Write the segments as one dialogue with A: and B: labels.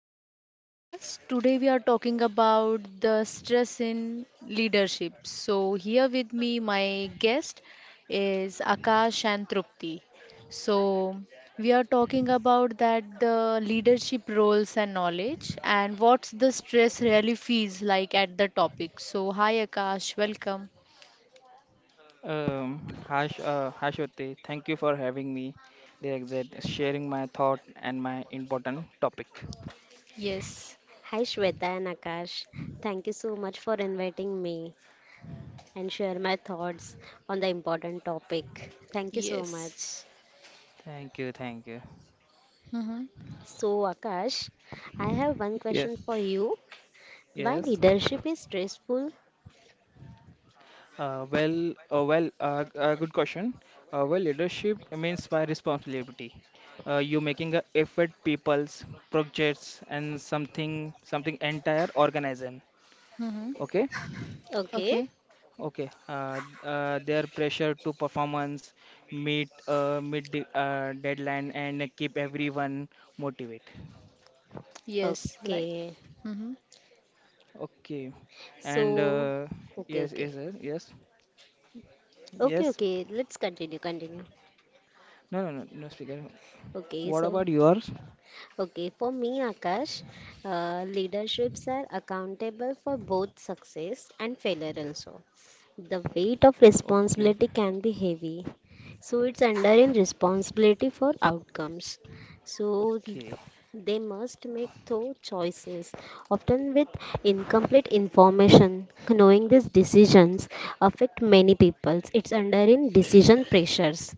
A: to our podcast. Today we are talking about the stress in leadership. So here with me my guest is Akash and Trupti. So we are talking about that the leadership roles and knowledge and what's the stress really feels like at the topic. So hi Akash, welcome.
B: Hi, hi Shruti. Thank you for having me. The exact sharing my thought and my important topic.
A: Yes.
C: Hi Shweta and Akash. Thank you so much for inviting me and share my thoughts on the important topic. Thank you so
A: Yes.
C: much.
B: Thank you, thank you.
A: Mhm.
C: So Akash, I have one question
B: Yes,
C: for you. Why
B: yes.
C: leadership is stressful?
B: Good question. Leadership means by responsibility. You making a effort, people's projects, and something, something entire organization.
A: Mhm.
B: Okay.
C: Okay.
A: Okay.
B: Okay, their pressure to performance, meet the deadline, and keep everyone motivated.
A: Yes, like.
C: Okay.
A: Mhm.
B: Okay, and
C: So okay,
B: yes, yes,
C: okay.
B: sir, yes,
C: Okay,
B: yes.
C: okay. Let's continue, continue.
B: No, no, no, no, speaker.
C: Okay,
B: What
C: so
B: about yours?
C: okay, for me, Akash, leaderships are accountable for both success and failure also. The weight of
B: Okay,
C: responsibility can be heavy, so it's under in responsibility for outcomes. So
B: okay,
C: they must make thorough choices, often with incomplete information. Knowing these decisions affect many people. It's under in decision pressures.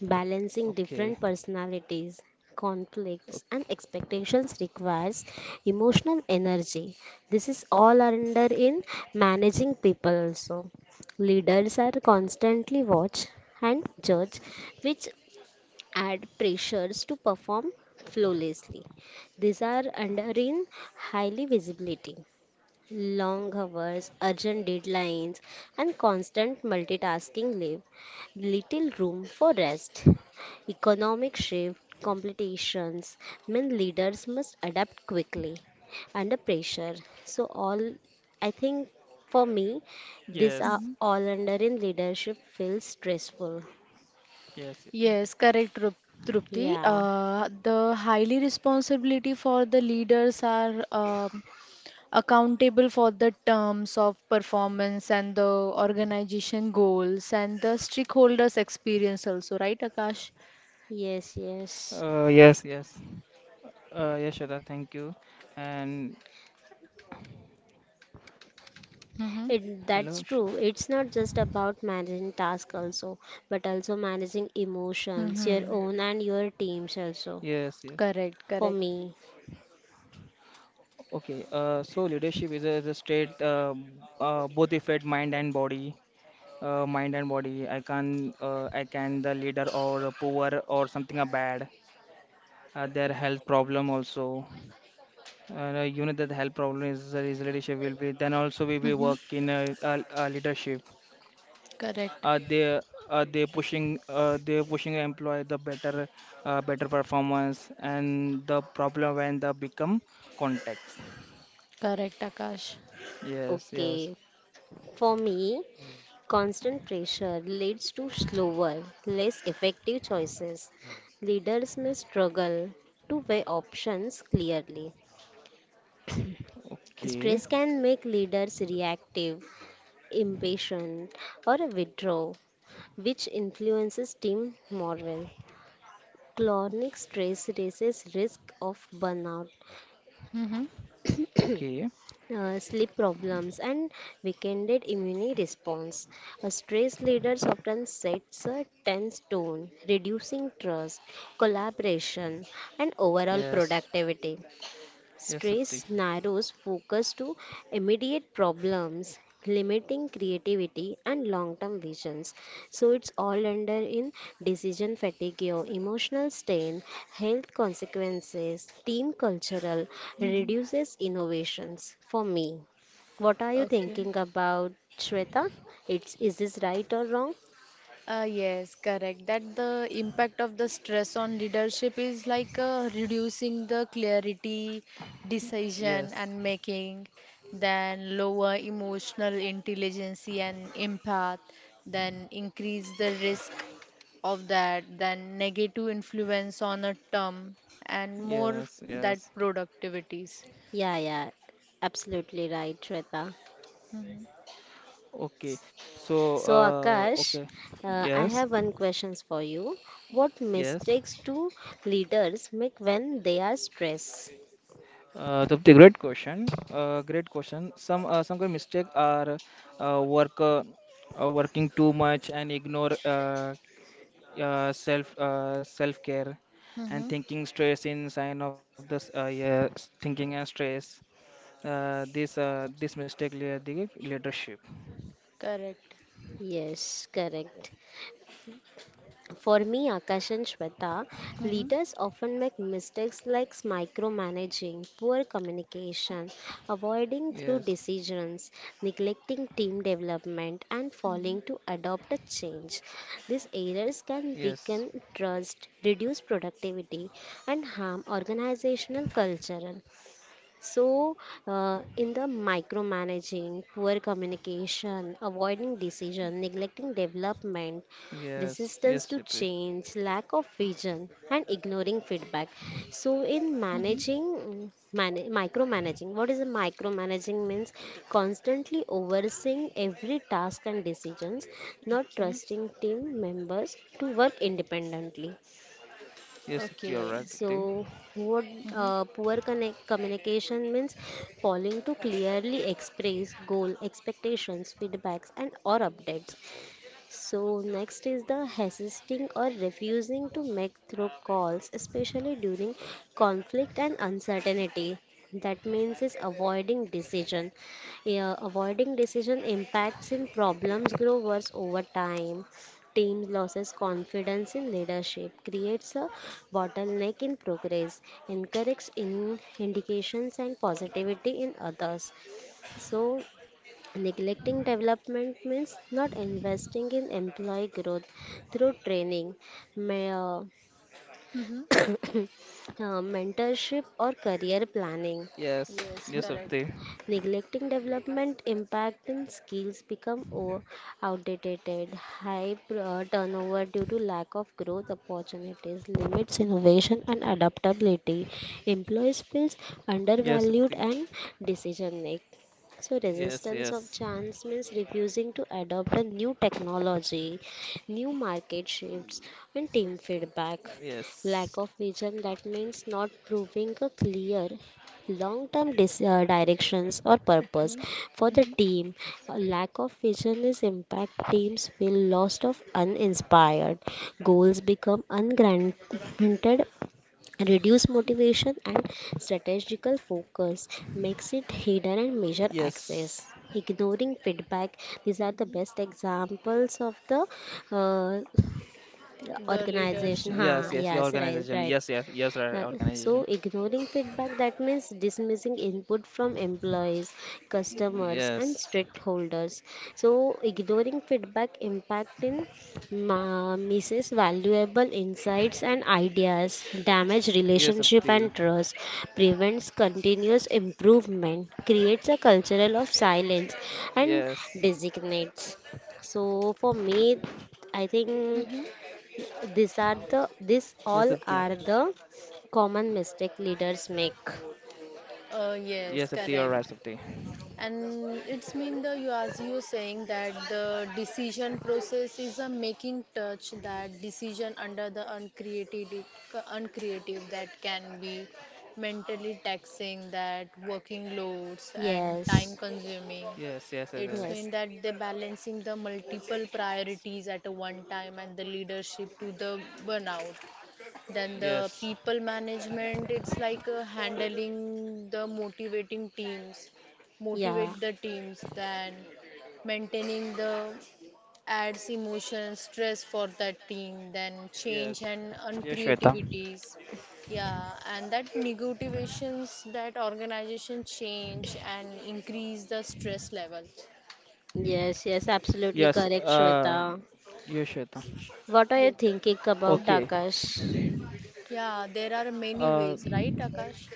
C: Balancing different
B: okay.
C: personalities, conflicts, and
B: Okay.
C: expectations requires emotional energy. This is all under in managing people also. Leaders are constantly watch and judge, which add pressures to perform flawlessly. These are under in highly visibility. Long hours, urgent deadlines, and constant multitasking leave little room for rest. Economic shift competitions mean leaders must adapt quickly under pressure. So all, I think, for me, these are
A: Mhm.
B: Yes,
C: all under in leadership feels stressful.
B: yes,
A: Yes, correct, Drupti.
C: Yeah.
A: The highly responsibility for the leaders are accountable for the terms of performance and the organization goals and the stakeholders' experience also, right, Akash?
C: Yes. Yes.
B: yes, yes. Yes, Shada, thank you. And
A: Mm-hmm.
B: hello,
C: That's true. It's not just about managing tasks also, but also managing emotions,
A: Mm-hmm.
C: your own and your team's also.
B: Yes, yes.
A: Correct,
C: For
A: correct.
C: me,
B: Okay, so leadership is a state, both affect mind and body. Mind and body. I can the leader or a poor or something are bad. Their health problem also. You know that the health problem is leadership will be. Then also we will
A: Mm-hmm.
B: work in a leadership.
A: Correct.
B: Uh, they they pushing employee the better better performance and the problem when they become context.
A: Correct, Akash.
B: Yes, yes.
C: okay. For me, constant pressure leads to slower, less effective choices. Leaders may struggle to weigh options clearly.
B: Okay.
C: Stress can make leaders reactive, impatient, or withdraw, which influences team morale. Chronic
B: Okay.
C: stress raises risk of burnout,
A: Mm-hmm.
B: Okay.
C: sleep problems, and weakened immune response. A stress leaders often sets a tense tone, reducing trust, collaboration, and overall
B: Yes.
C: productivity.
B: Yes, Sapti.
C: Stress narrows focus to immediate problems, limiting creativity and long term visions. So it's all under in decision fatigue, or emotional strain, health consequences, team cultural,
A: Mhm.
C: reduces innovations. For me, what are you
A: Okay.
C: thinking about, Shweta? It's, is this right or wrong?
A: Yes, correct. That the impact of the stress on leadership is like reducing the clarity, decision,
B: Yes.
A: and making, then lower emotional intelligence and empath, then increase the risk of that then negative influence on a term and more
B: Yes.
A: that
B: Yes.
A: productivities.
C: Yeah, yeah, absolutely right, Shweta.
A: Mm-hmm.
B: Okay. So,
C: So, Akash,
B: okay.
C: I
B: Yes.
C: have one questions for you. What
B: Yes.
C: mistakes do leaders make when they are stressed?
B: The great question. Great question. Some kind of mistake are uh, work uh, working too much and ignore self care
A: Mm-hmm.
B: and thinking stress in sign of this yes, thinking and stress. This mistake lead the leadership.
A: Correct.
C: Yes, correct. For me, Akash and Shweta,
A: Mm-hmm.
C: leaders often make mistakes like micromanaging, poor communication, avoiding through
B: Yes,
C: decisions, neglecting team development, and
A: Mm-hmm.
C: failing to adopt a change. These errors can
B: yes,
C: weaken trust, reduce productivity, and harm organizational culture. So, in the micromanaging, poor communication, avoiding decision, neglecting development,
B: yes,
C: resistance
B: yes,
C: to
B: Dipti.
C: change, lack of vision, and ignoring feedback. So, in
A: Mm-hmm.
C: micromanaging, what is a micromanaging means? Constantly overseeing every task and decisions, not
A: Okay.
C: trusting team members to work independently.
B: Yes, Dipti, you're right,
A: Okay.
B: Dipti.
C: So, what
A: Mm-hmm.
C: poor connect communication means failing to clearly express goal, expectations, feedbacks, and or updates. So, next is the hesitating or refusing to make through calls, especially during conflict and uncertainty. That means is avoiding decision. Yeah, avoiding decision impacts in problems grow worse over time. Teams loses confidence in leadership, creates a bottleneck in progress, encourages in indications and positivity in others. So neglecting development means not investing in employee growth through training, ma-
A: Mm-hmm.
C: mentorship, or career planning.
B: Yes,
A: Yes,
B: yes,
A: correct.
B: Dipti.
C: Neglecting development impact and skills become outdated. High turnover due to lack of growth opportunities limits innovation and adaptability. Employees feels
B: Yes,
C: undervalued
B: Dipti.
C: and decision making. So
B: Yes,
C: resistance of
B: yes,
C: chance means refusing to adopt a new technology, new market shifts, and team feedback.
B: yes,
C: Lack of vision that means not proving a clear long term directions or purpose
A: Okay.
C: for the
A: Mm-hmm.
C: team. A lack of vision is impact teams feel lost of uninspired goals become ungranted reduce motivation and strategical focus makes it hidden and measure access
B: yes,
C: ignoring feedback. These are the
A: Mm-hmm.
C: best examples of the uh,
A: The
C: organization ha
A: leadership,
B: yes,
A: yeah.
B: yes, your
C: Yes, right,
B: organization.
C: right.
B: Yes, yes, yes, right,
C: Uh, So,
B: organization.
C: ignoring feedback that means dismissing input from employees, customers, and
B: Yes,
C: stakeholders. So, ignoring feedback impact in misses valuable insights and ideas, damage
B: yes,
C: relationship and
B: Dipti.
C: trust, prevents continuous improvement, creates a cultural of silence, and
B: Yes,
C: designates. So, for me, I think
A: Mm-hmm.
B: yes,
C: these
B: Dipti.
C: all are the common mistake leaders make.
A: Uh,
B: Yes, Dipti,
A: yes,
B: you're right,
A: correct.
B: Dipti.
A: And it's mean the you as you saying that the decision process is a making touch that decision under the uncreative that can be mentally taxing that working loads and
C: Yes.
A: time consuming,
B: Yes, yes, yes,
A: it's
C: Yes.
B: yes,
A: mean that they balancing the multiple priorities at a one time and the leadership to the burnout, then the
B: yes,
A: people management, it's like handling the motivating teams,
C: Yeah.
A: motivate the teams, then maintaining the adds emotion, stress for that team, then change
B: yes,
A: and
B: yes, Shweta.
A: uncreativities. Yeah, and that negotiations that organization change and increase the stress levels.
C: Yes, yes, absolutely
B: Yes,
C: correct, Shweta.
B: yes, Shweta.
C: What are you
A: Yes.
C: thinking
B: Okay.
C: about, Akash?
A: Yeah, there are many
B: Uh,
A: ways, right, Akash?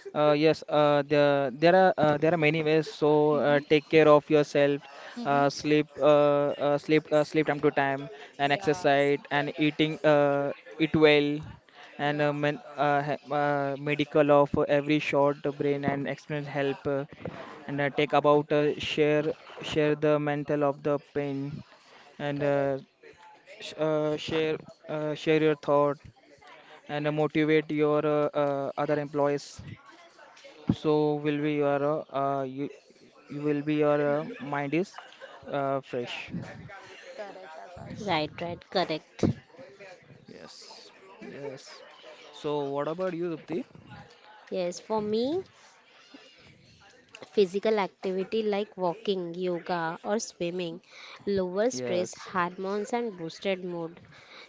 B: There are many ways. So take care of yourself,
A: Mhm.
B: uh,
A: Mhm.
B: sleep, uh, sleep time to time, and
A: Yeah.
B: exercise, and eat well, and
A: Yeah.
B: medical of every short brain and experience help, and take about share the mental of the pain, and
A: Correct.
B: sh share share your thought, and motivate your other employees so will be your uh, uh, you you will be your
A: Mhm.
B: mind is fresh.
A: Correct, Akash.
C: Right, right, correct.
B: Yes, yes. So what about you, Sapti?
C: Yes, for me, physical activity like walking, yoga, or swimming lowers stress
B: Yes,
C: hormones and boosted mood.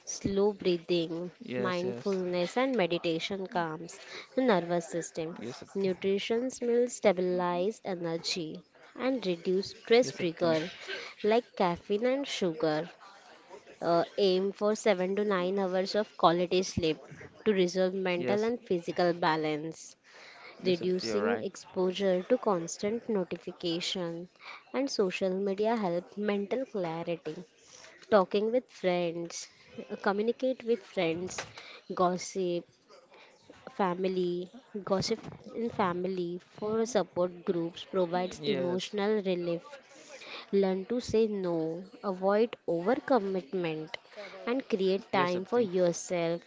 C: Slow breathing,
B: yes, yes,
C: mindfulness, and meditation calms the nervous
B: yes,
C: system.
B: Sapti.
C: Nutrition will
A: Mhm.
C: stabilize energy and reduce
B: Yes,
C: stress
B: Sapti.
C: trigger like caffeine and sugar. Aim for 7 to 9 hours of quality sleep to resolve mental
B: Yes,
C: and physical balance.
B: yes, Sapti. You're
C: Reducing
B: right.
C: exposure to constant notification and social media help mental clarity. Talking with friends, communicate with friends, gossip, family, gossip in family for
A: Mhm.
C: support groups provides
B: Yes,
C: emotional relief. Learn to say no, avoid overcommitment,
A: Correct.
C: and create
B: yes,
C: time
B: Sapti.
C: for yourself.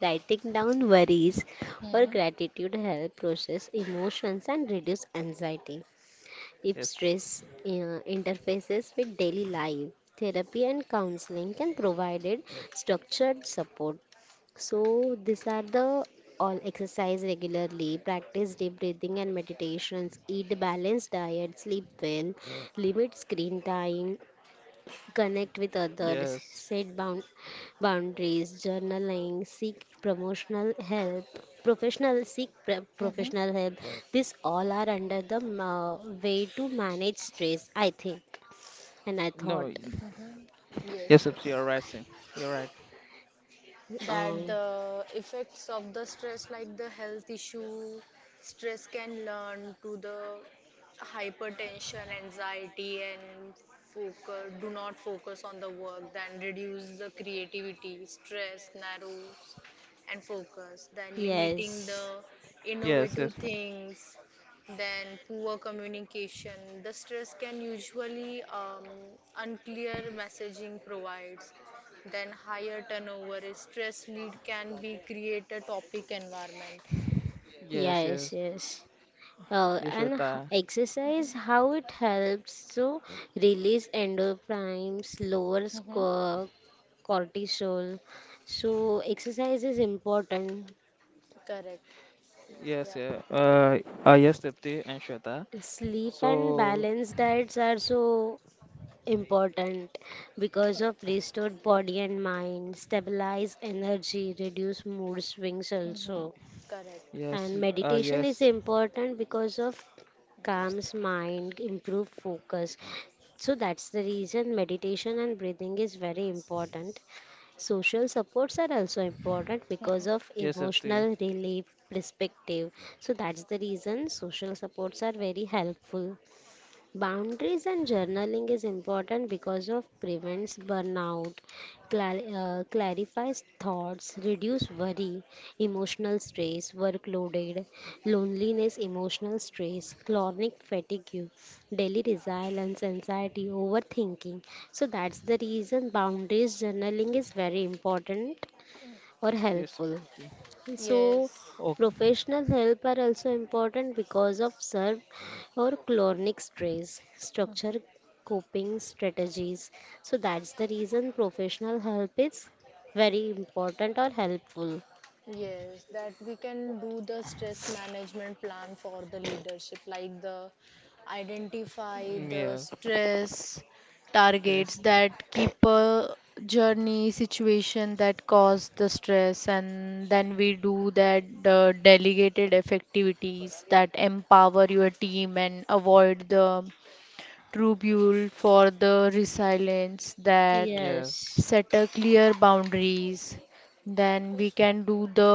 C: Writing down worries or
A: Mhm.
C: gratitude help process emotions and reduce anxiety. If
B: Yes,
C: stress interfaces with daily life, therapy and counseling can provide it structured support. So these are the all exercise regularly, practice deep breathing and meditations, eat balanced diet, sleep well, limit screen time, connect with others,
B: yes.
C: set boundaries, journaling, seek promotional help, professional seek
A: Mhm.
C: professional help. These all are under the way to manage stress, I think. And I
B: No,
C: thought,
B: no.
A: Mhm.
B: Yes,
A: Yes, yes.
B: Sapti. You're right. Sir.
C: okay,
B: You're right.
A: That
C: um,
A: the effects of the stress like the health issue, stress can learn to the hypertension anxiety and focus, do not focus on the work, then reduce the creativity, stress narrows and focus, then limiting
C: yes,
A: the
B: Yes,
A: innovative
B: yes,
A: things, then poor communication, the stress can usually unclear messaging provides, then higher turnover is stress lead can be create a topic environment.
B: yes,
C: yes,
B: yes.
C: yes. Uh,
B: Yes,
C: and h-
B: Shweta.
C: exercise,
A: Hmm.
C: how it helps to release endorphins, lowers
A: Mm-hmm.
C: cortisol. So, exercise is important.
A: Correct.
B: Yes,
A: Yeah.
B: yeah. Yes, Sapti and Shweta.
C: Sleep and
B: So
C: balanced diets are so important because of restored body and mind, stabilize energy, reduce mood swings
A: Hmm.
C: also.
A: Correct.
B: yes,
C: And meditation is
B: yes,
C: important because of
B: Yes,
C: calms
B: slippery.
C: mind, improve focus. So that's the reason meditation and breathing is very important. Social supports are also important because of
A: Hmm.
B: Yes, Sapti.
C: emotional relief perspective. So that's the reason social supports are very helpful. Boundaries and journaling is important because of prevents burnout, clarifies thoughts, reduce worry, emotional stress, workloaded, loneliness, emotional stress, chronic fatigue, daily resilience, anxiety, overthinking. So that's the reason boundaries journaling is very important or
B: Yes,
C: helpful.
B: Sapti.
C: So,
A: Yes.
B: Oh,
C: professional help are also important because of serve or chronic stress, structure,
A: Mm-hmm.
C: coping strategies. So, that's the reason professional help is very important or helpful.
A: Yes, that we can do the stress management plan for the leadership, like the identify the
B: yes,
A: stress targets,
B: yes,
A: that keep a journey situation that cause the stress, and then we do that the delegated activities that empower your team and avoid the tribute for the resilience, that
B: yes,
C: Yes.
A: set a clear boundaries, then we can do the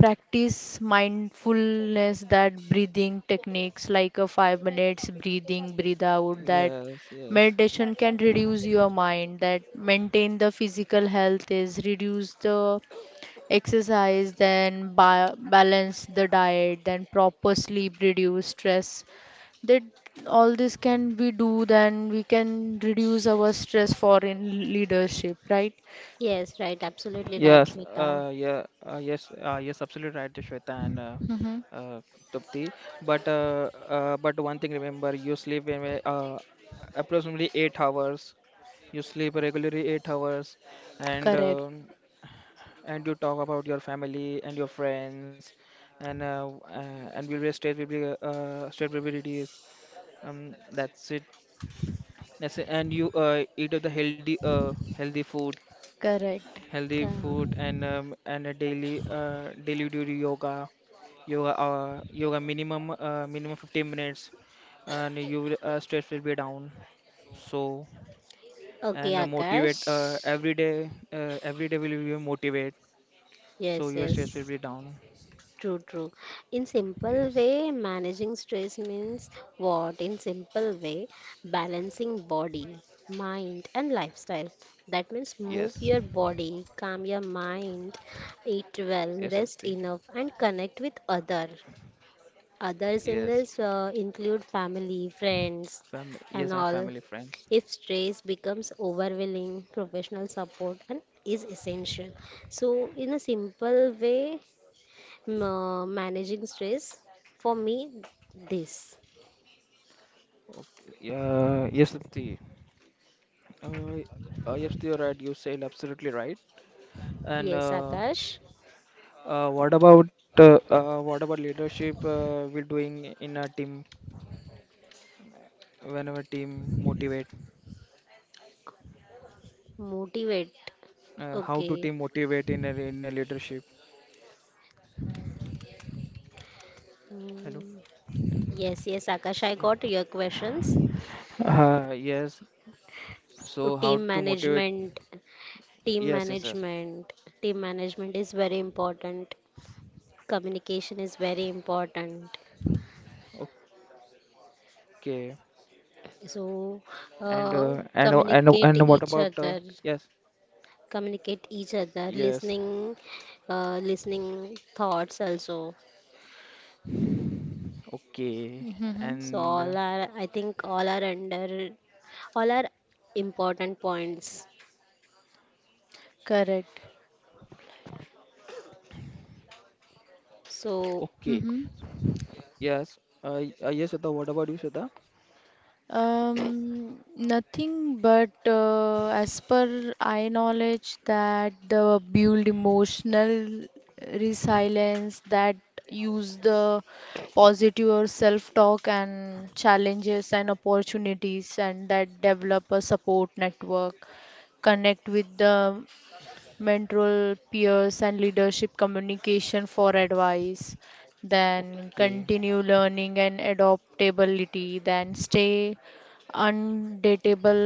A: practice mindfulness that breathing techniques like a 5 minutes breathing breathe out, that
B: yes, yes.
A: meditation can reduce your mind, that maintain the physical health is reduce the exercise, then balance the diet, then proper sleep, reduce stress. That all this can we do, then we can reduce our stress for in leadership, right?
C: Yes, right, absolutely right,
B: Yes,
C: Shweta.
B: yes, absolutely right, Shweta and
A: Mm-hmm.
B: uh, Tapti. But one thing remember, you sleep in approximately 8 hours. You sleep regularly 8 hours, and
A: Correct,
B: um and you talk about your family and your friends and and we'll be straight will be straight will be reduced. That's it. That's it. And you eat of the healthy
A: correct,
B: healthy
C: Ka-
B: food and a daily daily do the yoga, yoga minimum 15 minutes and you will stress will be down. So
C: Okay,
B: and motivate
C: Akash.
B: every day will be motivate. So
C: Yes. Yes,
B: your stress will
C: yes.
B: be down.
C: True, true. In simple
B: Yes.
C: way, managing stress means what? In simple way, balancing body, mind, and lifestyle. That means move
B: Yes,
C: your body, calm your mind, eat well,
B: yes,
C: rest
B: Abdi.
C: enough, and connect with other. Others in
B: Yes,
C: this include family, friends,
B: fam.
C: and
B: Yes, I'm
C: all.
B: family friends.
C: If stress becomes overwhelming, professional support and is essential. So, in a simple way, managing stress for me this.
B: Okay. Yeah. Yes, Abdi. Yes, you're right. You said absolutely right. And
C: Yes, Akash,
B: what about leadership? We're doing in a team whenever team motivate.
C: motivate.
B: How
C: Okay.
B: to team motivate in in a leadership? Hello.
C: Mm, yes, yes, Akash,
B: S-
C: I got your questions.
B: Yes.
C: So
B: So how to motivate?
C: team
B: Yes, yes, yes.
C: management team management is very important. Communication is very important.
B: Okay.
C: so uh,
B: And what about
C: communicate each
B: yes?
C: other communicate each other,
B: Yes,
C: listening thoughts also.
B: okay.
A: mm-hmm.
C: So
B: And
C: all are, I think, all are under, all are important points.
A: Correct.
C: So
B: okay,
A: Mm-hmm.
B: yes. Yes, Shweta, what about you, Shweta?
A: Nothing but, as per I knowledge that the build emotional resilience, that use the positive or self-talk and challenges and opportunities, and that develop a support network, connect with the mentor peers and leadership communication for advice, then
B: Okay,
A: continue learning and adaptability, then stay undateable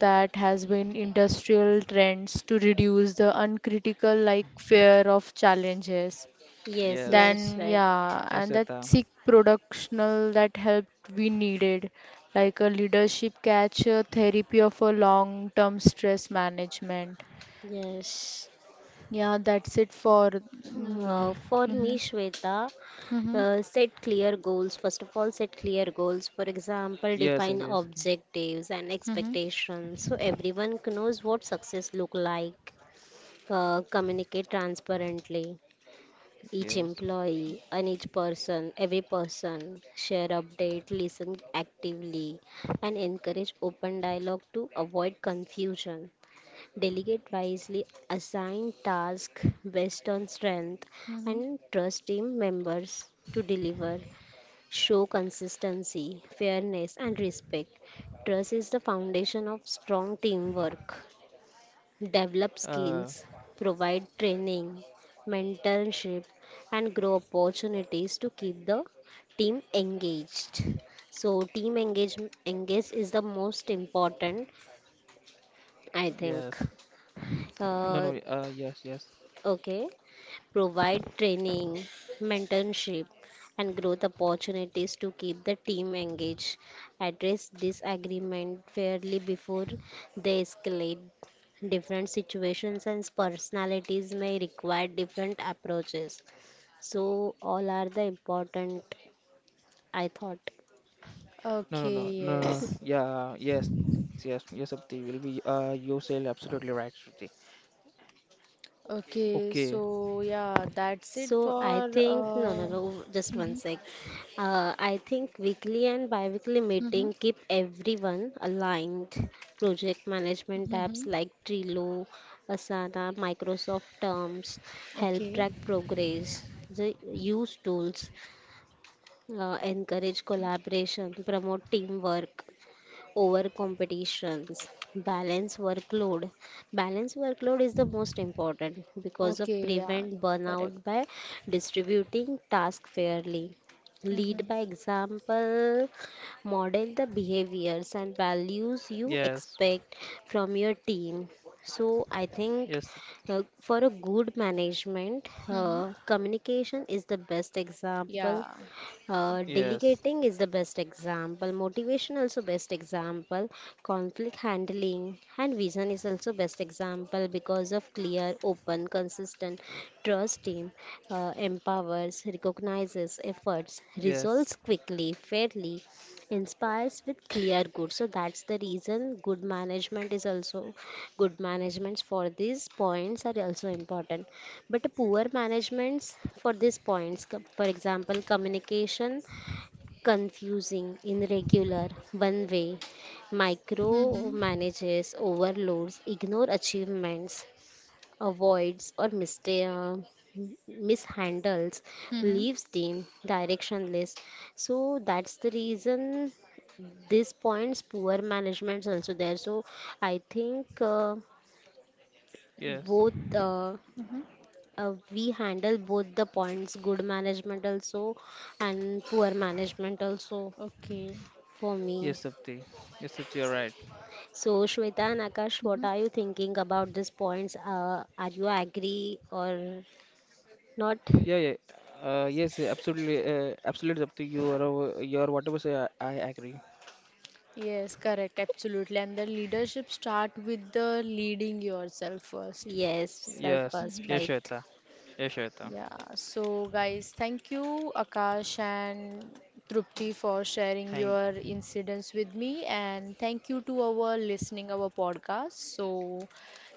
A: that has been industrial trends to reduce the uncritical like fear of challenges,
C: yes,
B: yes,
C: yes,
A: then
C: right,
A: yeah,
B: yes,
A: and that
B: Shweta.
A: seek productional that helped we needed, like a leadership catch a therapy of a long term stress management.
C: yes.
A: Yeah, that's it for me.
C: For
A: Mm-hmm.
C: me, Shweta,
A: Mm-hmm.
C: set clear goals. First of all, set clear goals. For example,
B: Yes, yes,
C: define
B: yes,
C: objectives and
A: Mm-hmm.
C: expectations so everyone knows what success look like. Communicate transparently. Each
B: yes.
C: employee and each person, every person, share update, listen actively, and encourage open dialogue to avoid confusion. Delegate wisely, assign tasks based on strength,
A: Mm-hmm.
C: and trust team members to deliver. Show consistency, fairness, and respect. Trust is the foundation of strong teamwork. Develop
B: Uh,
C: skills, provide training, mentorship, and grow opportunities to keep the team engaged. So, team engage is the most important, I
B: yes.
C: think.
B: No, no,
C: Uh,
B: yes, yes.
C: okay. Provide training, mentorship, and growth opportunities to keep the team engaged, address disagreement fairly before they escalate. Different situations and personalities may require different approaches. So, all are the important, I thought.
B: No, no, no,
A: Okay,
B: no, no.
A: yes.
B: Yeah, yes, yes, yes, Sapti will be, you say absolutely right, Shruti.
A: Okay,
B: Okay,
A: so yeah, that's it
C: So I
A: for
C: think, no, no, no, just one
A: mm-hmm.
C: sec. I think weekly and biweekly
A: Mm-hmm.
C: meeting keep everyone aligned. Project management apps
A: Mm-hmm.
C: like Trello, Asana, Microsoft Terms help
A: Okay.
C: track progress. The use tools encourage collaboration, promote teamwork over competitions. balance workload Balance workload is the most important because of
A: Okay, yeah.
C: prevent burnout
A: Correct.
C: by distributing tasks fairly. Lead
A: Mm-hmm.
C: by example, model the behaviors and values you
B: yes,
C: expect from your team. So I
B: yes,
C: think, for a good management,
A: Mm-hmm.
C: communication is the best example.
A: Yeah.
B: Yes,
C: Delegating is the best example. Motivation also best example. Conflict handling and vision is also best example because of clear, open, consistent trust team, empowers, recognizes
B: yes,
C: efforts, resolves quickly, fairly, inspires with clear good. So that's the reason good management is also good managements for these points are also important, but poor managements for these points, for example, communication confusing irregular one way, micro
A: Mm-hmm.
C: manages overloads ignore achievements, avoids or mistake, m- mishandles,
A: Mm-hmm.
C: leaves team directionless. So that's the reason these points poor management's also there. So I think,
B: yes,
C: both,
A: Mm-hmm.
C: we handle both the points, good management also and poor management also,
A: Okay.
C: for
B: yes,
C: me.
B: Sapti. Yes, Sapti, you're right.
C: So Shweta and Akash, what
A: Mm-hmm.
C: are you thinking about these points? Are you agree or not?
B: Yeah, yeah. Yes, absolutely. Absolutely up to you or your whatever say. I agree.
A: Yes, correct, absolutely. And the leadership start with the leading yourself first.
C: Yes, self
B: Yes,
C: first,
A: Mhm.
B: yes,
C: right.
B: Shweta. Yes, Shweta.
A: Yeah, so guys, thank you, Akash and Trupti, for sharing
B: Thank,
A: your incidents with me, and thank you to our listening our podcast. So,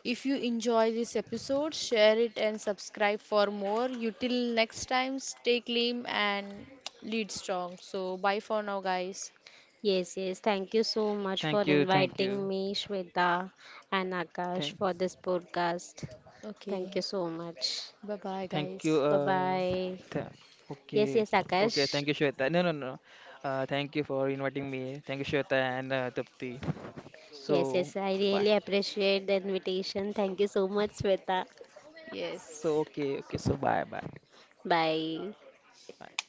A: if you enjoy this episode, share it and subscribe for more. You till next time, stay clean and lead strong. So, bye for now, guys.
C: Yes, yes. Thank you so much
B: thank
C: for
B: you, thank you,
C: inviting me, Shweta and Akash,
B: thank,
C: for this podcast. Thank
A: Okay,
C: you so much.
A: bye bye,
B: thank you.
A: guys.
C: Bye bye.
B: Th
C: Yes,
B: okay,
C: yes, Akash.
B: okay. Thank you, Shweta. No, no, no. Thank you for inviting me. Thank you, Shweta and Tapti.
C: Yes,
B: So
C: yes. I
B: bye.
C: really appreciate the invitation. Thank you so much, Shweta.
B: So
A: Yes.
B: okay, okay. So bye, bye.
C: Bye.
B: Bye.